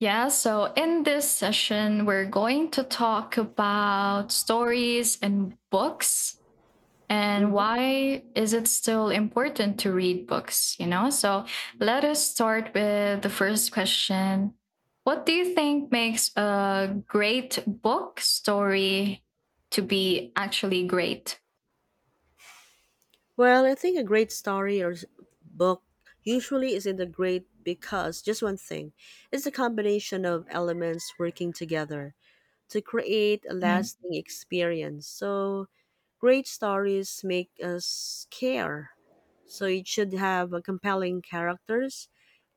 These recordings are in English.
Yeah, so in this session, we're going to talk about stories and books and Mhm. why is it still important to read books, you know? So let us start with the first question. What do you think makes a great book story to be actually great? Well, I think a great story book usually isn't a great because just one thing. It's a combination of elements working together to create a Mm. lasting experience. So, great stories make us care. So, it should have a compelling characters.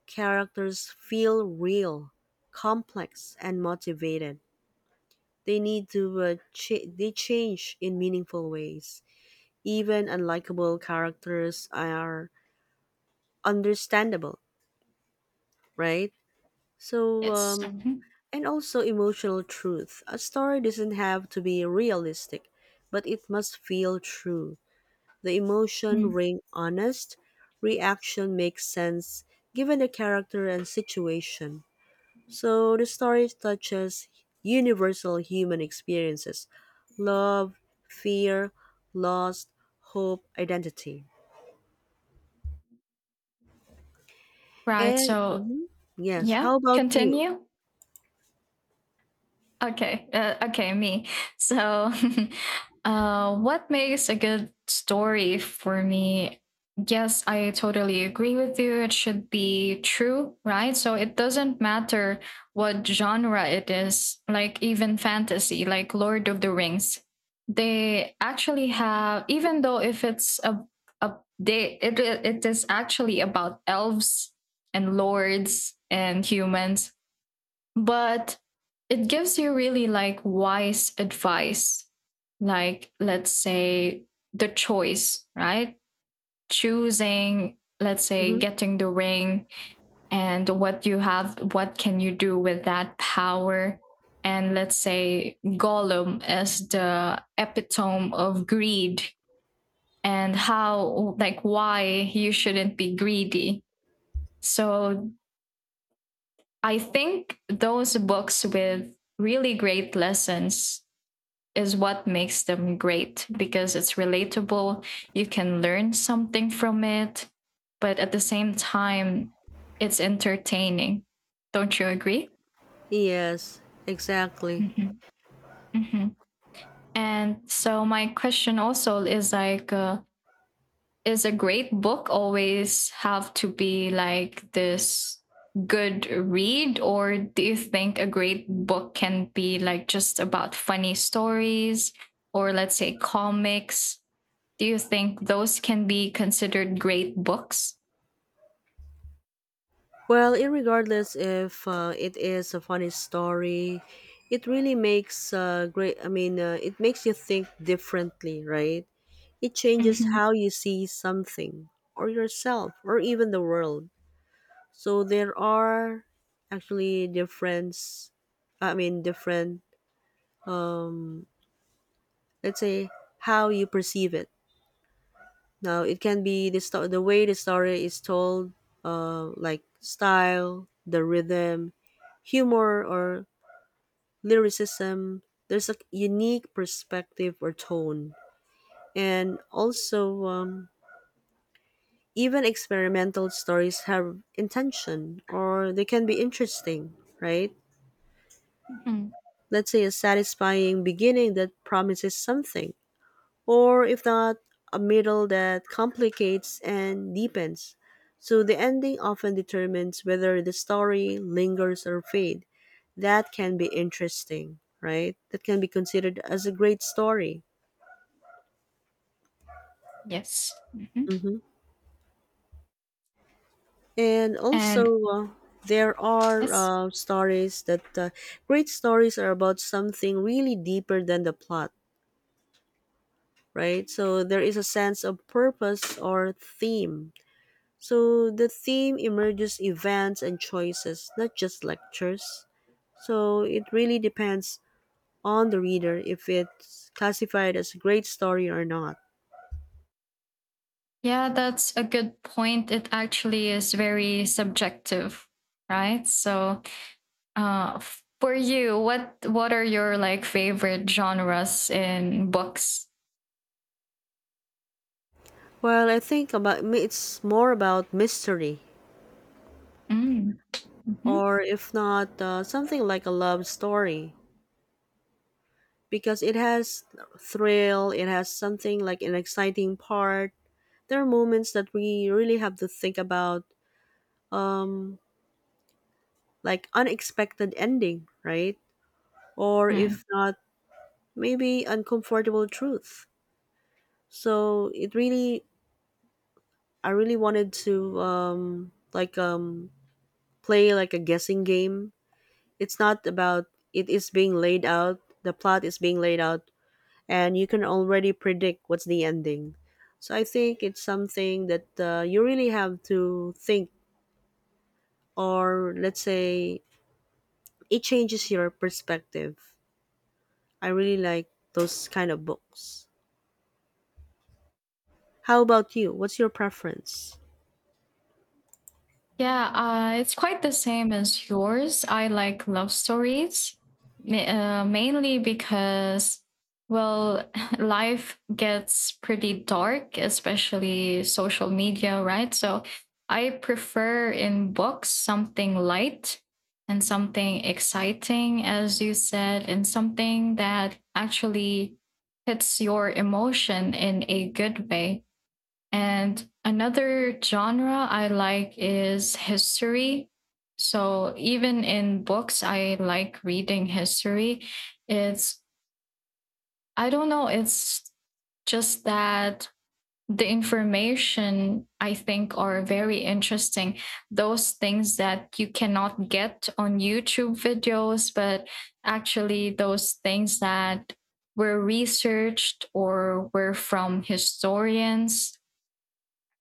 Characters feel real, complex, and motivated. They need to they change in meaningful ways even unlikable characters are understandable, right? So, Yes, um, mhm. and also emotional truth. A story doesn't have to be realistic, but it must feel true. The emotion Mm. ring honest, reaction makes sense given the character and situation. So the story touches universal human experiences love, fear, loss, hope, identity. Right. And So, mhm, yes, yeah, how about you? continue. Okay. Okay, me. So, what makes a good story for me? Yes, I totally agree with you. It should be true, right? So it doesn't matter what genre it is, like even fantasy, like Lord of the Rings. They actually have, even though if it's a they it it is actually about elves and lords and humans, but it gives you really like wise advice, like let's say the choice, right, choosing, let's say, Hmm. getting the ring and what you have, what can you do with that power, and let's say Gollum as the epitome of greed, and how, like, why you shouldn't be greedy. So I think those books with really great lessons is what makes them great because it's relatable. You can learn something from it, but at the same time, it's entertaining. Don't you agree? Yes, exactly. Mm-hmm. Mm-hmm. And so, my question also is like, is a great book always have to be like this good read? Or do you think a great book can be like just about funny stories, or let's say comics? Do you think those can be considered great books? Well, irregardless if it is a funny story, it really makes great. It makes you think differently, right? It changes Mhm. how you see something or yourself or even the world. So there are actually difference. I mean, different. Um, let's say how you perceive it. Now it can be the way the story is told, like style, the rhythm, humor, or lyricism. There's a unique perspective or tone, and also even experimental stories have intention, or they can be interesting, right? Mhm. Let's say a satisfying beginning that promises something or if not, a middle that complicates and deepens. So the ending often determines whether the story lingers or fade. That can be interesting, right? That can be considered as a great story. Yes, mhm. And And also, uh, there are yes. Stories that great stories are about something really deeper than the plot, right? So there is a sense of purpose or theme. So the theme emerges events and choices, not just lectures. So it really depends on the reader if it's classified as a great story or not. Yeah, that's a good point. It actually is very subjective, right? So, Uh, for you, what are your like favorite genres in books? Well, I think about it's more about mystery, Mm. Mm-hmm. or if not, something like a love story, because it has thrill, it has something like an exciting part. There are moments that we really have to think about, um, like unexpected ending, right? Or if not, maybe uncomfortable truth. So it really, I really wanted to like play like a guessing game. It's not about it is being laid out. The plot is being laid out, and you can already predict what's the ending. So I think it's something that you really have to think, or let's say it changes your perspective. I really like those kind of books. How about you? What's your preference? Yeah, it's quite the same as yours. I like love stories, mainly because, well, life gets pretty dark, especially social media, right? So I prefer in books something light and something exciting, as you said, and something that actually hits your emotion in a good way. And another genre I like is history. So even in books, I like reading history. It's, I don't know, it's just that the information I think are very interesting. Those things that you cannot get on YouTube videos, but actually those things that were researched or were from historians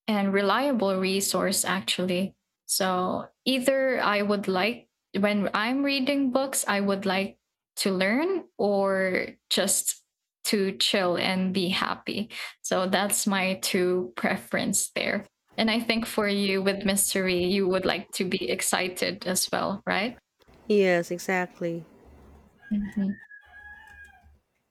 and reliable resource actually. So either I would like, when I'm reading books, I would like to learn or just to chill and be happy. So that's my two preference there. And I think for you with mystery, you would like to be excited as well, right? Yes, exactly. Mhm.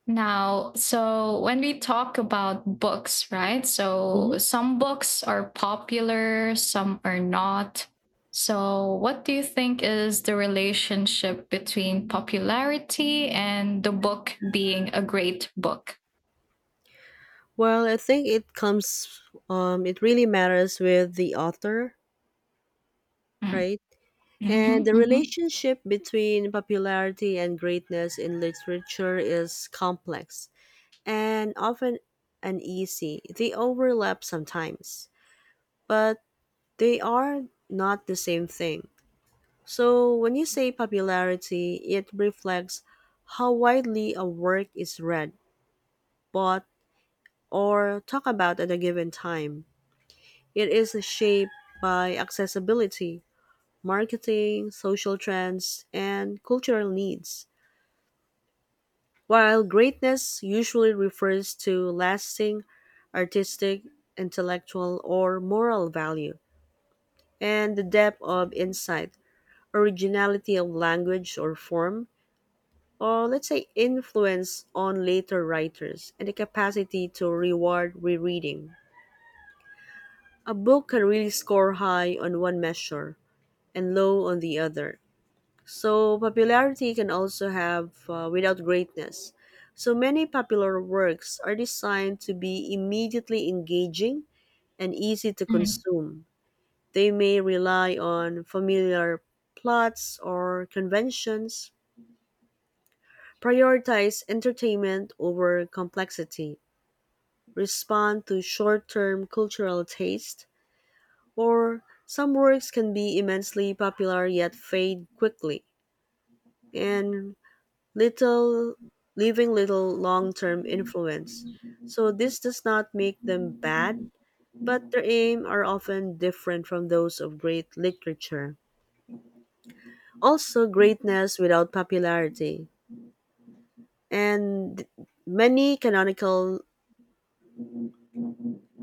Now, so when we talk about books, right? So Mhm. some books are popular, some are not. So, what do you think is the relationship between popularity and the book being a great book? Well, I think it comes, it really matters with the author, Mm. right? And Mhm, the mhm, relationship between popularity and greatness in literature is complex and often uneasy. They overlap sometimes, but they are not the same thing. So when you say popularity, it reflects how widely a work is read, bought, or talked about at a given time. It is shaped by accessibility, marketing, social trends, and cultural needs. While greatness usually refers to lasting artistic, intellectual, or moral value, and the depth of insight, originality of language or form, or let's say influence on later writers, and the capacity to reward rereading. A book can really score high on one measure and low on the other. So, popularity can also have without greatness. So, many popular works are designed to be immediately engaging and easy to mm. consume. They may rely on familiar plots or conventions, prioritize entertainment over complexity, respond to short term cultural taste, or some works can be immensely popular yet fade quickly. And little leaving little long-term influence. So this does not make them bad, but their aim are often different from those of great literature. Also greatness without popularity. And many canonical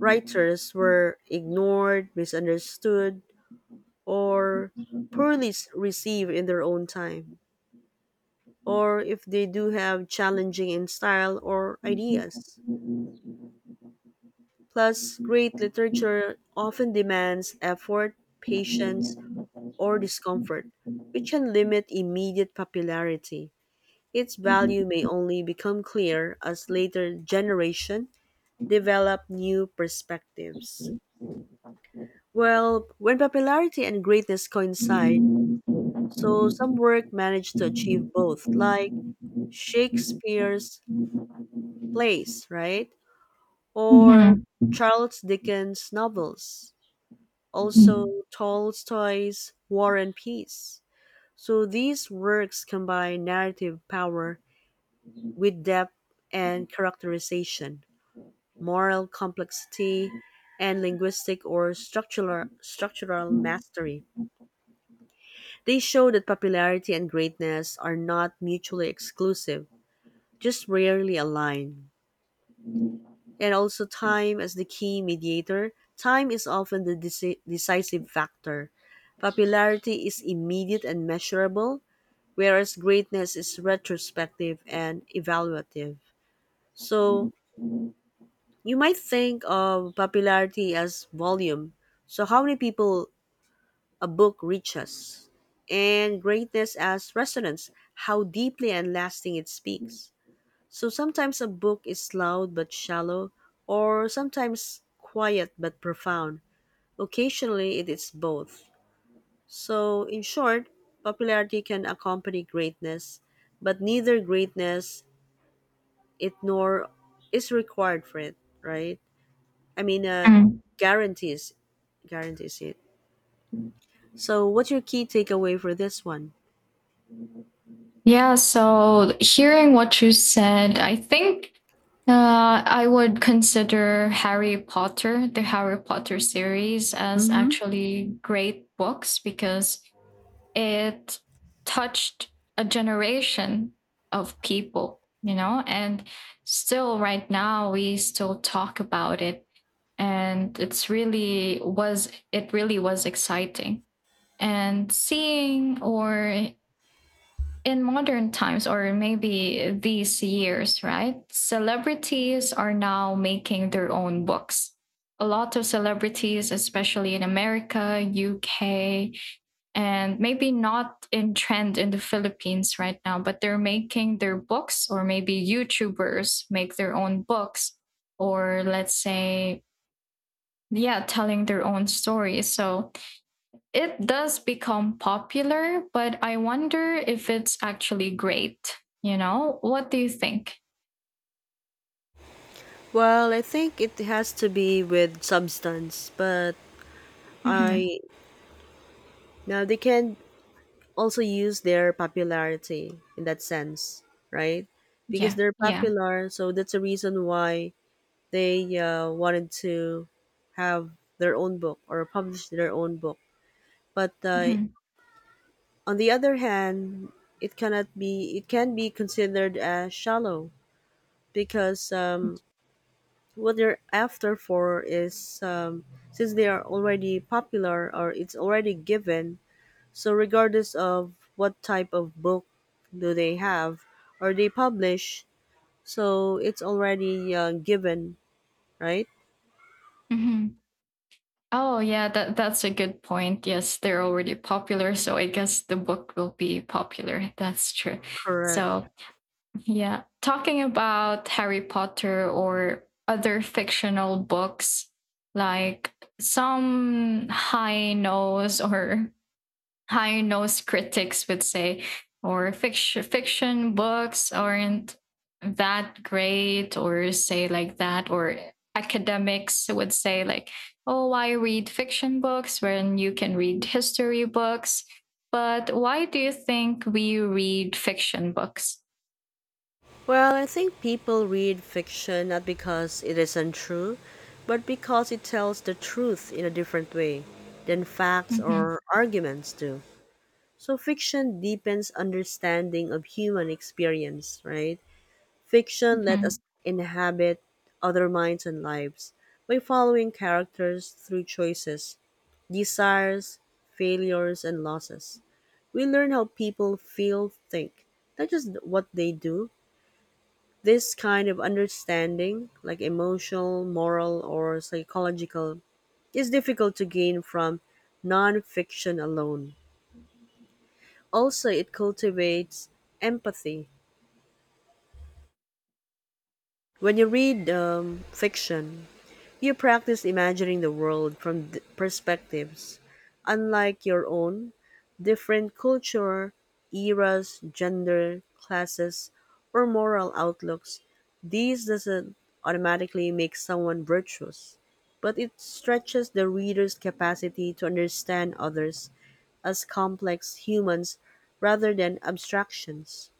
writers were ignored, misunderstood, or received in their own time, or if they do have challenging in style or ideas. Plus, great literature often demands effort, patience, or discomfort, which can limit immediate popularity. Its value may only become clear as later generations develop new perspectives. Well, when popularity and greatness coincide, so some work managed to achieve both, like Shakespeare's plays, right? Or Mhm, Charles Dickens' novels. Also mm, Tolstoy's War and Peace. So these works combine narrative power with depth and characterization, moral complexity, and linguistic or structural mastery. They show that popularity and greatness are not mutually exclusive, just rarely aligned. And also time as the key mediator. Time is often the decisive factor. Popularity is immediate and measurable, whereas greatness is retrospective and evaluative. So you might think of popularity as volume. So, how many people a book reaches, and greatness as resonance, how deeply and lasting it speaks. So sometimes a book is loud but shallow, or sometimes quiet but profound. Occasionally, it is both. So, in short, popularity can accompany greatness, but neither greatness it nor is required for it, right? I mean, uh, mm. Guarantees it. So, what's your key takeaway for this one? Yeah, so hearing what you said, I think, I would consider Harry Potter, the Harry Potter series, as Mm-hmm. actually great books because it touched a generation of people, you know, and still right now we still talk about it. And it really was exciting. And seeing or in modern times, or maybe these years, right? Celebrities are now making their own books. A lot of celebrities, especially in America, UK, and maybe not in trend in the Philippines right now, but they're making their books, or maybe YouTubers make their own books, or let's say, yeah, telling their own stories. So it does become popular, but I wonder if it's actually great. You know, what do you think? Well, I think it has to be with substance, but Hmm. I now they can also use their popularity in that sense, right? Because Yeah, they're yeah. popular, so that's a reason why they wanted to have their own book or publish their own book. But Hmm. on the other hand, it cannot be. It can be considered as shallow because what they're after for is um, since they are already popular or it's already given. So, regardless of what type of book do they have or they publish, so it's already given, right? Hmm. Oh, yeah, that's a good point. Yes, they're already popular, so I guess the book will be popular. That's true. Correct. So, yeah, talking about Harry Potter or other fictional books, like some high nose or high-nosed critics would say, or fiction books aren't that great, or say like that, or academics would say like, oh, why read fiction books when you can read history books? But why do you think we read fiction books? Well, I think people read fiction not because it is untrue, but because it tells the truth in a different way than facts Hmm. or arguments do. So, fiction deepens understanding of human experience, right? Fiction let us Hmm. inhabit other minds and lives by following characters through choices, desires, failures, and losses. We learn how people feel, think, not just what they do. This kind of understanding, like emotional, moral, or psychological, is difficult to gain from non fiction alone. Also, it cultivates empathy. When you read fiction, you practice imagining the world from perspectives unlike your own, different culture, eras, gender, classes, or moral outlooks. These doesn't automatically make someone virtuous, but it stretches the reader's capacity to understand others as complex humans rather than abstractions.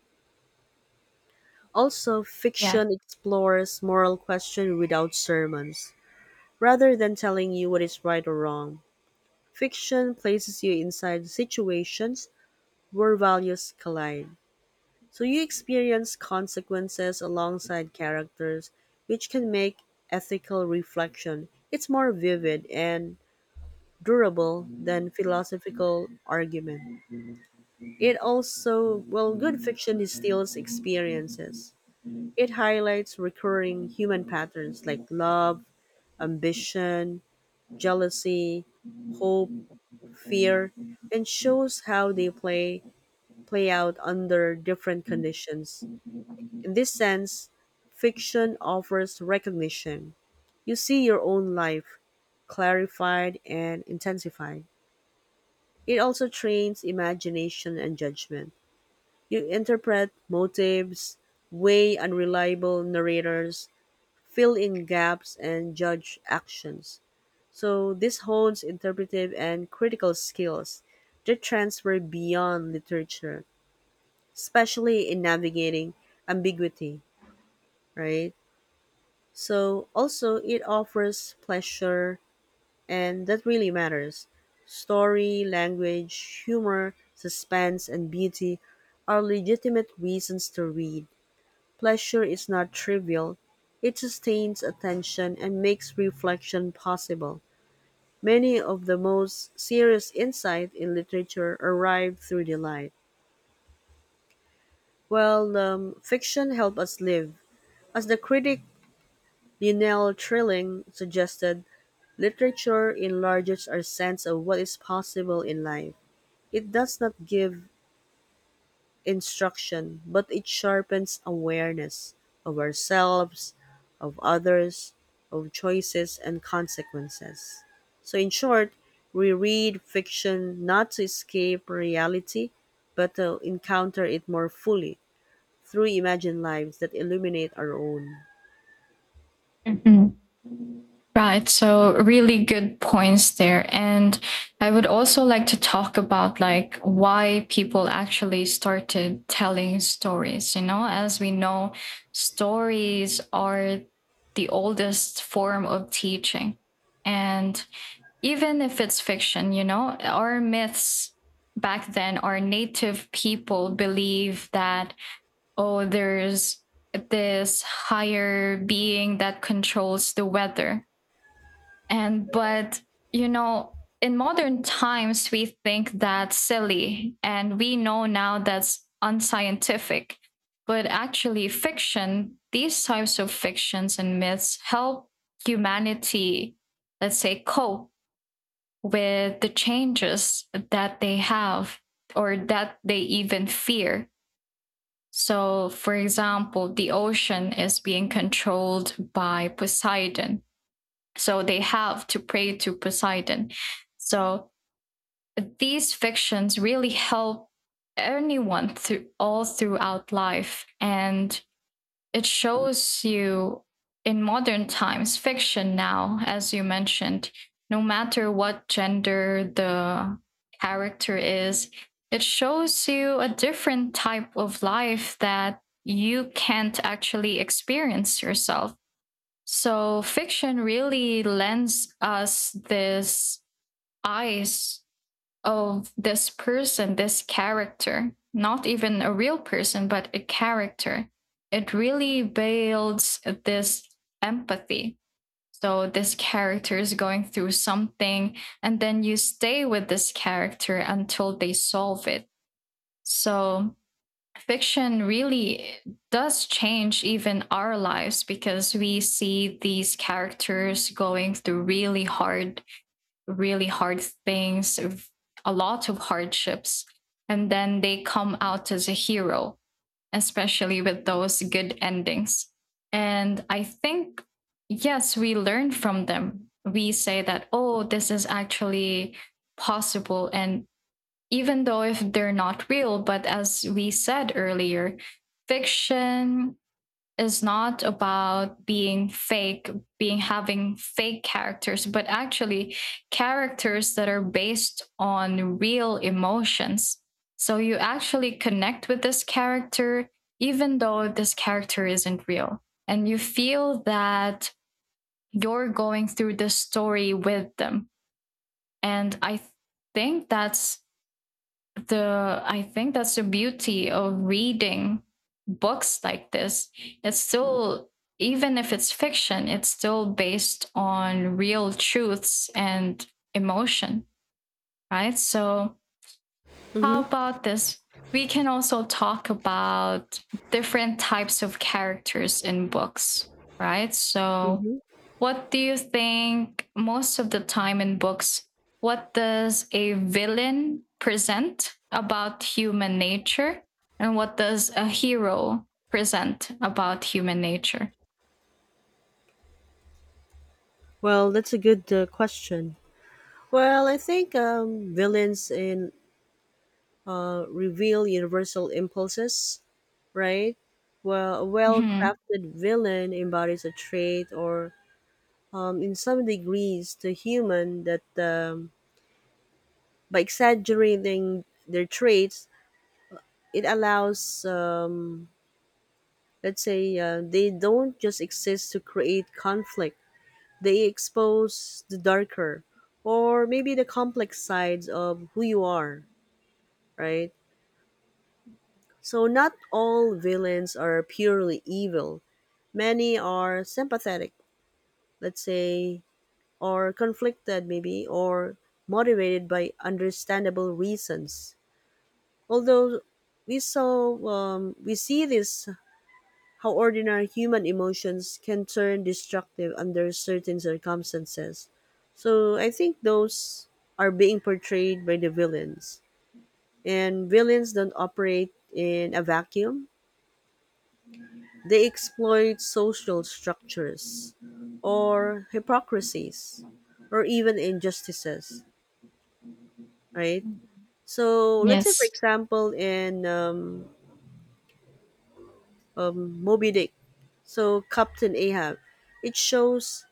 Also, Yeah. fiction explores moral questions without sermons. Rather than telling you what is right or wrong, fiction places you inside situations where values collide. So you experience consequences alongside characters, which can make ethical reflection. It's more vivid and durable than philosophical argument. It also, well, good fiction distills experiences. It highlights recurring human patterns like love, ambition, jealousy, hope, fear, and shows how they play out under different conditions. In this sense, fiction offers recognition. You see your own life clarified and intensified. It also trains imagination and judgment. You interpret motives, weigh unreliable narrators, fill in gaps, and judge actions. So this hones interpretive and critical skills that transfer beyond literature, especially in navigating ambiguity, right? So also it offers pleasure and that really matters. Story, language, humor, suspense and beauty are legitimate reasons to read. Pleasure is not trivial. It sustains attention and makes reflection possible. Many of the most serious insight in literature arrive through the light. While fiction helps us live. As the critic Lionel Trilling suggested, literature enlarges our sense of what is possible in life. It does not give instruction, but it sharpens awareness of ourselves, of others, of choices and consequences. So, in short, we read fiction not to escape reality, but to encounter it more fully through imagined lives that illuminate our own. Mhm. Right. So really good points there. And I would also like to talk about like why people actually started telling stories. You know, as we know, stories are the oldest form of teaching. And even if it's fiction, you know, our myths back then, our native people believe that, oh, there's this higher being that controls the weather and, but, you know, in modern times, we think that's silly. And we know now that's unscientific. But actually, fiction, these types of fictions and myths help humanity, let's say, cope with the changes that they have or that they even fear. So, for example, the ocean is being controlled by Poseidon. So they have to pray to Poseidon. So these fictions really help anyone through all throughout life. And it shows you in modern times, fiction now, as you mentioned, no matter what gender the character is, it shows you a different type of life that you can't actually experience yourself. So fiction really lends us this eyes of this person, this character, not even a real person, but a character. It really builds this empathy. So this character is going through something, and then you stay with this character until they solve it. So fiction really does change even our lives because we see these characters going through really hard things, a lot of hardships, and then they come out as a hero, especially with those good endings. And I think, yes, we learn from them. We say that, oh, this is actually possible, and even though if they're not real, but as we said earlier, fiction is not about being fake, being having fake characters, but actually characters that are based on real emotions. So you actually connect with this character, even though this character isn't real. And you feel that you're going through this story with them. And think that's I think that's the beauty of reading books like this. It's still, even if it's fiction, it's still based on real truths and emotion, right? So Mm-hmm, how about this? We can also talk about different types of characters in books, right? So, mm-hmm. what do you think most of the time in books? What does a villain present about human nature? And what does a hero present about human nature? Well, that's a good question. Well, I think villains in reveal universal impulses, right? Well, a Mhm. well-crafted villain embodies a trait or, in some degrees, the human that by exaggerating their traits, it allows, let's say, they don't just exist to create conflict. They expose the darker or maybe the complex sides of who you are, right? So not all villains are purely evil. Many are sympathetic, let's say, or conflicted, maybe, or motivated by understandable reasons. Although we see this how ordinary human emotions can turn destructive under certain circumstances. So I think those are being portrayed by the villains. And villains don't operate in a vacuum. They exploit social structures or hypocrisies or even injustices, right? So let's say, for Yes. example, in Moby Dick, so Captain Ahab, it shows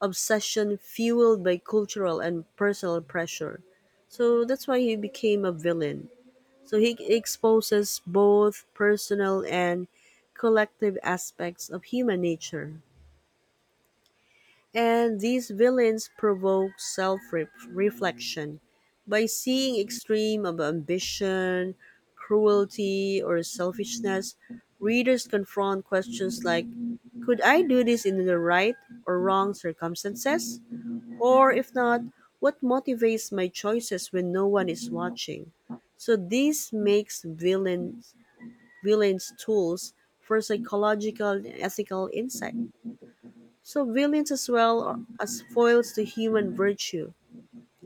obsession fueled by cultural and personal pressure. So that's why he became a villain. So he exposes both personal and collective aspects of human nature. And these villains provoke self reflection by seeing extreme of ambition, cruelty, or selfishness. Readers confront questions like could I do this in the right or wrong circumstances? Or if not, what motivates my choices when no one is watching? So this makes villains tools for psychological and ethical insight. So villains as foils to human virtue.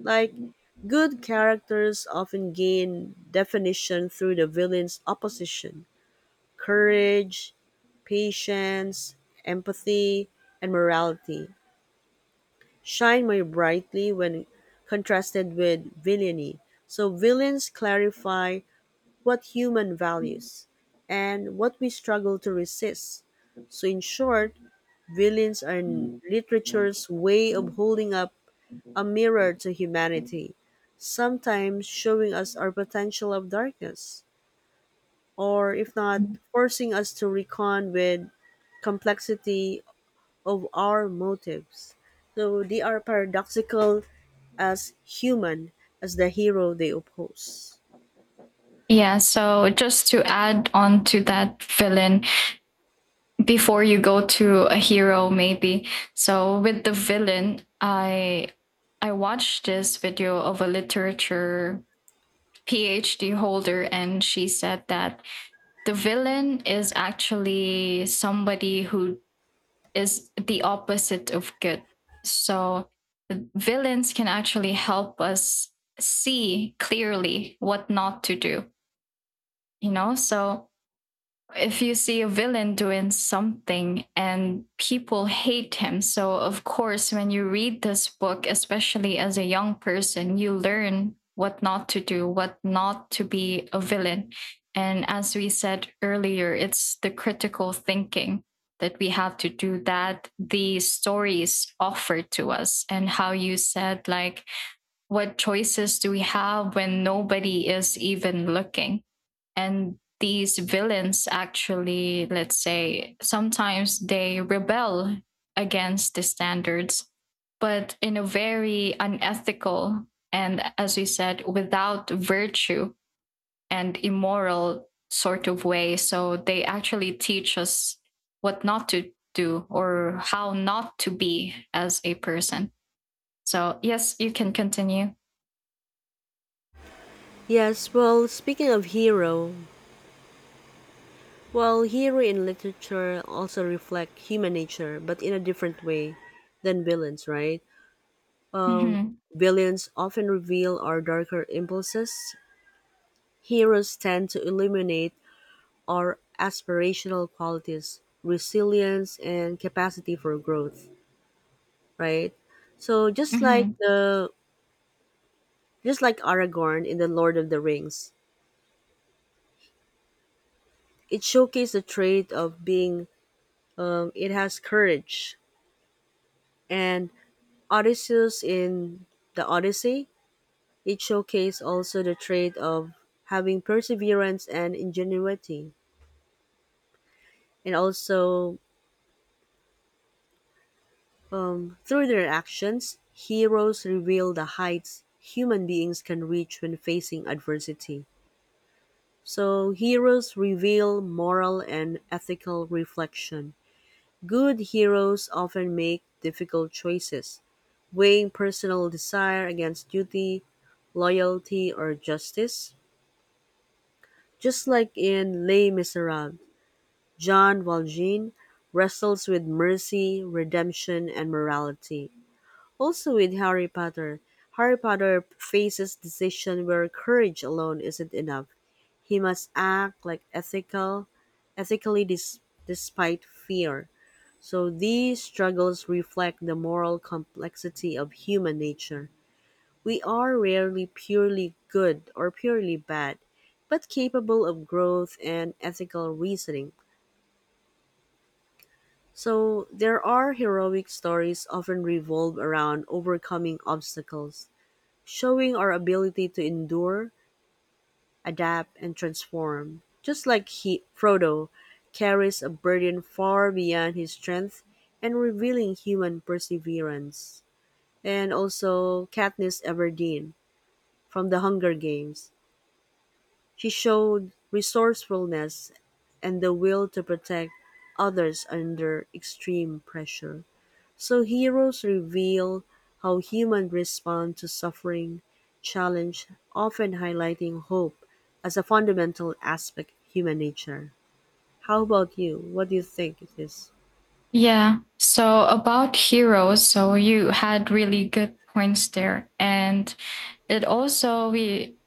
Like good characters often gain definition through the villain's opposition. Courage, patience, empathy, and morality shine more brightly when contrasted with villainy. So villains clarify what human values and what we struggle to resist. So in short, villains are literature's way of holding up a mirror to humanity, sometimes showing us our potential of darkness, or if not, forcing us to recon with complexity of our motives. So they are paradoxical as human as the hero they oppose. Yeah, so just to add on to that villain, before you go to a hero maybe. So with the villain, I watched this video of a literature PhD holder, and she said that the villain is actually somebody who is the opposite of good. So villains can actually help us see clearly what not to do, you know. So if you see a villain doing something and people hate him, so of course when you read this book, especially as a young person, you learn what not to do, what not to be, a villain. And as we said earlier, it's the critical thinking that we have to do, that the stories offer to us. And how you said, like, what choices do we have when nobody is even looking? And these villains actually, let's say sometimes they rebel against the standards, but in a very unethical and, as we said, without virtue and immoral sort of way. So they actually teach us what not to do or how not to be as a person. So yes, you can continue. Yes, well, speaking of hero, well, hero in literature also reflect human nature, but in a different way than villains, right? Um, Mm-hmm. Villains often reveal our darker impulses. Heroes tend to illuminate our aspirational qualities, resilience, and capacity for growth, right? So Mm-hmm. Just like Aragorn in the Lord of the Rings, it showcased the trait of being. It has courage and Odysseus in the Odyssey, it showcased also the trait of having perseverance and ingenuity. And also, through their actions, heroes reveal the heights human beings can reach when facing adversity. So, heroes reveal moral and ethical reflection. Good heroes often make difficult choices, weighing personal desire against duty, loyalty, or justice. Just like in Les Miserables, Jean Valjean wrestles with mercy, redemption, and morality. Also with Harry Potter, Harry Potter faces decision where courage alone isn't enough. He must act like ethically despite fear. So these struggles reflect the moral complexity of human nature. We are rarely purely good or purely bad, but capable of growth and ethical reasoning. So, there are heroic stories often revolve around overcoming obstacles, showing our ability to endure, adapt, and transform. Just like Frodo carries a burden far beyond his strength and revealing human perseverance. And also Katniss Everdeen from The Hunger Games. She showed resourcefulness and the will to protect others under extreme pressure. So heroes reveal how humans respond to suffering, challenge, often highlighting hope as a fundamental aspect of human nature. How about you? What do you think it is? Yeah. So about heroes, so you had really good points there. And it also, we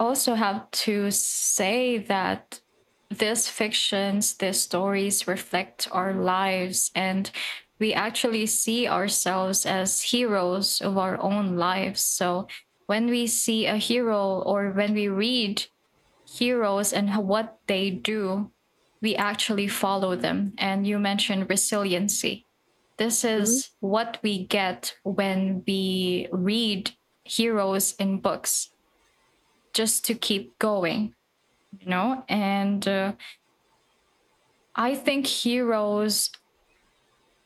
also have to say that these fictions, these stories reflect our lives, and we actually see ourselves as heroes of our own lives. So when we see a hero or when we read heroes and what they do, we actually follow them. And you mentioned resiliency. This is what we get when we read heroes in books, just to keep going, you know? And I think heroes,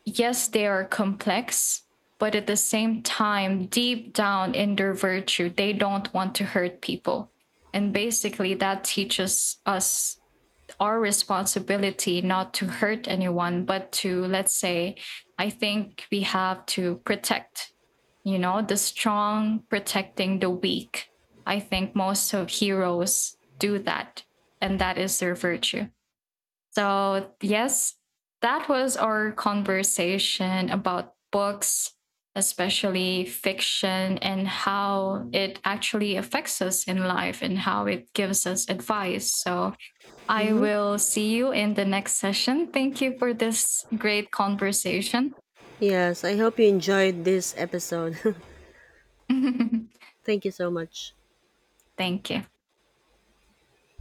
yes, they are complex, but at the same time, deep down in their virtue, they don't want to hurt people. And basically, that teaches us our responsibility not to hurt anyone, but to, let's say, I think we have to protect, you know, the strong protecting the weak. I think most of heroes do that, and that is their virtue. So, yes, that was our conversation about books, especially fiction, and how it actually affects us in life and how it gives us advice. So, I Mhm. will see you in the next session. Thank you for this great conversation. Yes, I hope you enjoyed this episode. Thank you so much. Thank you.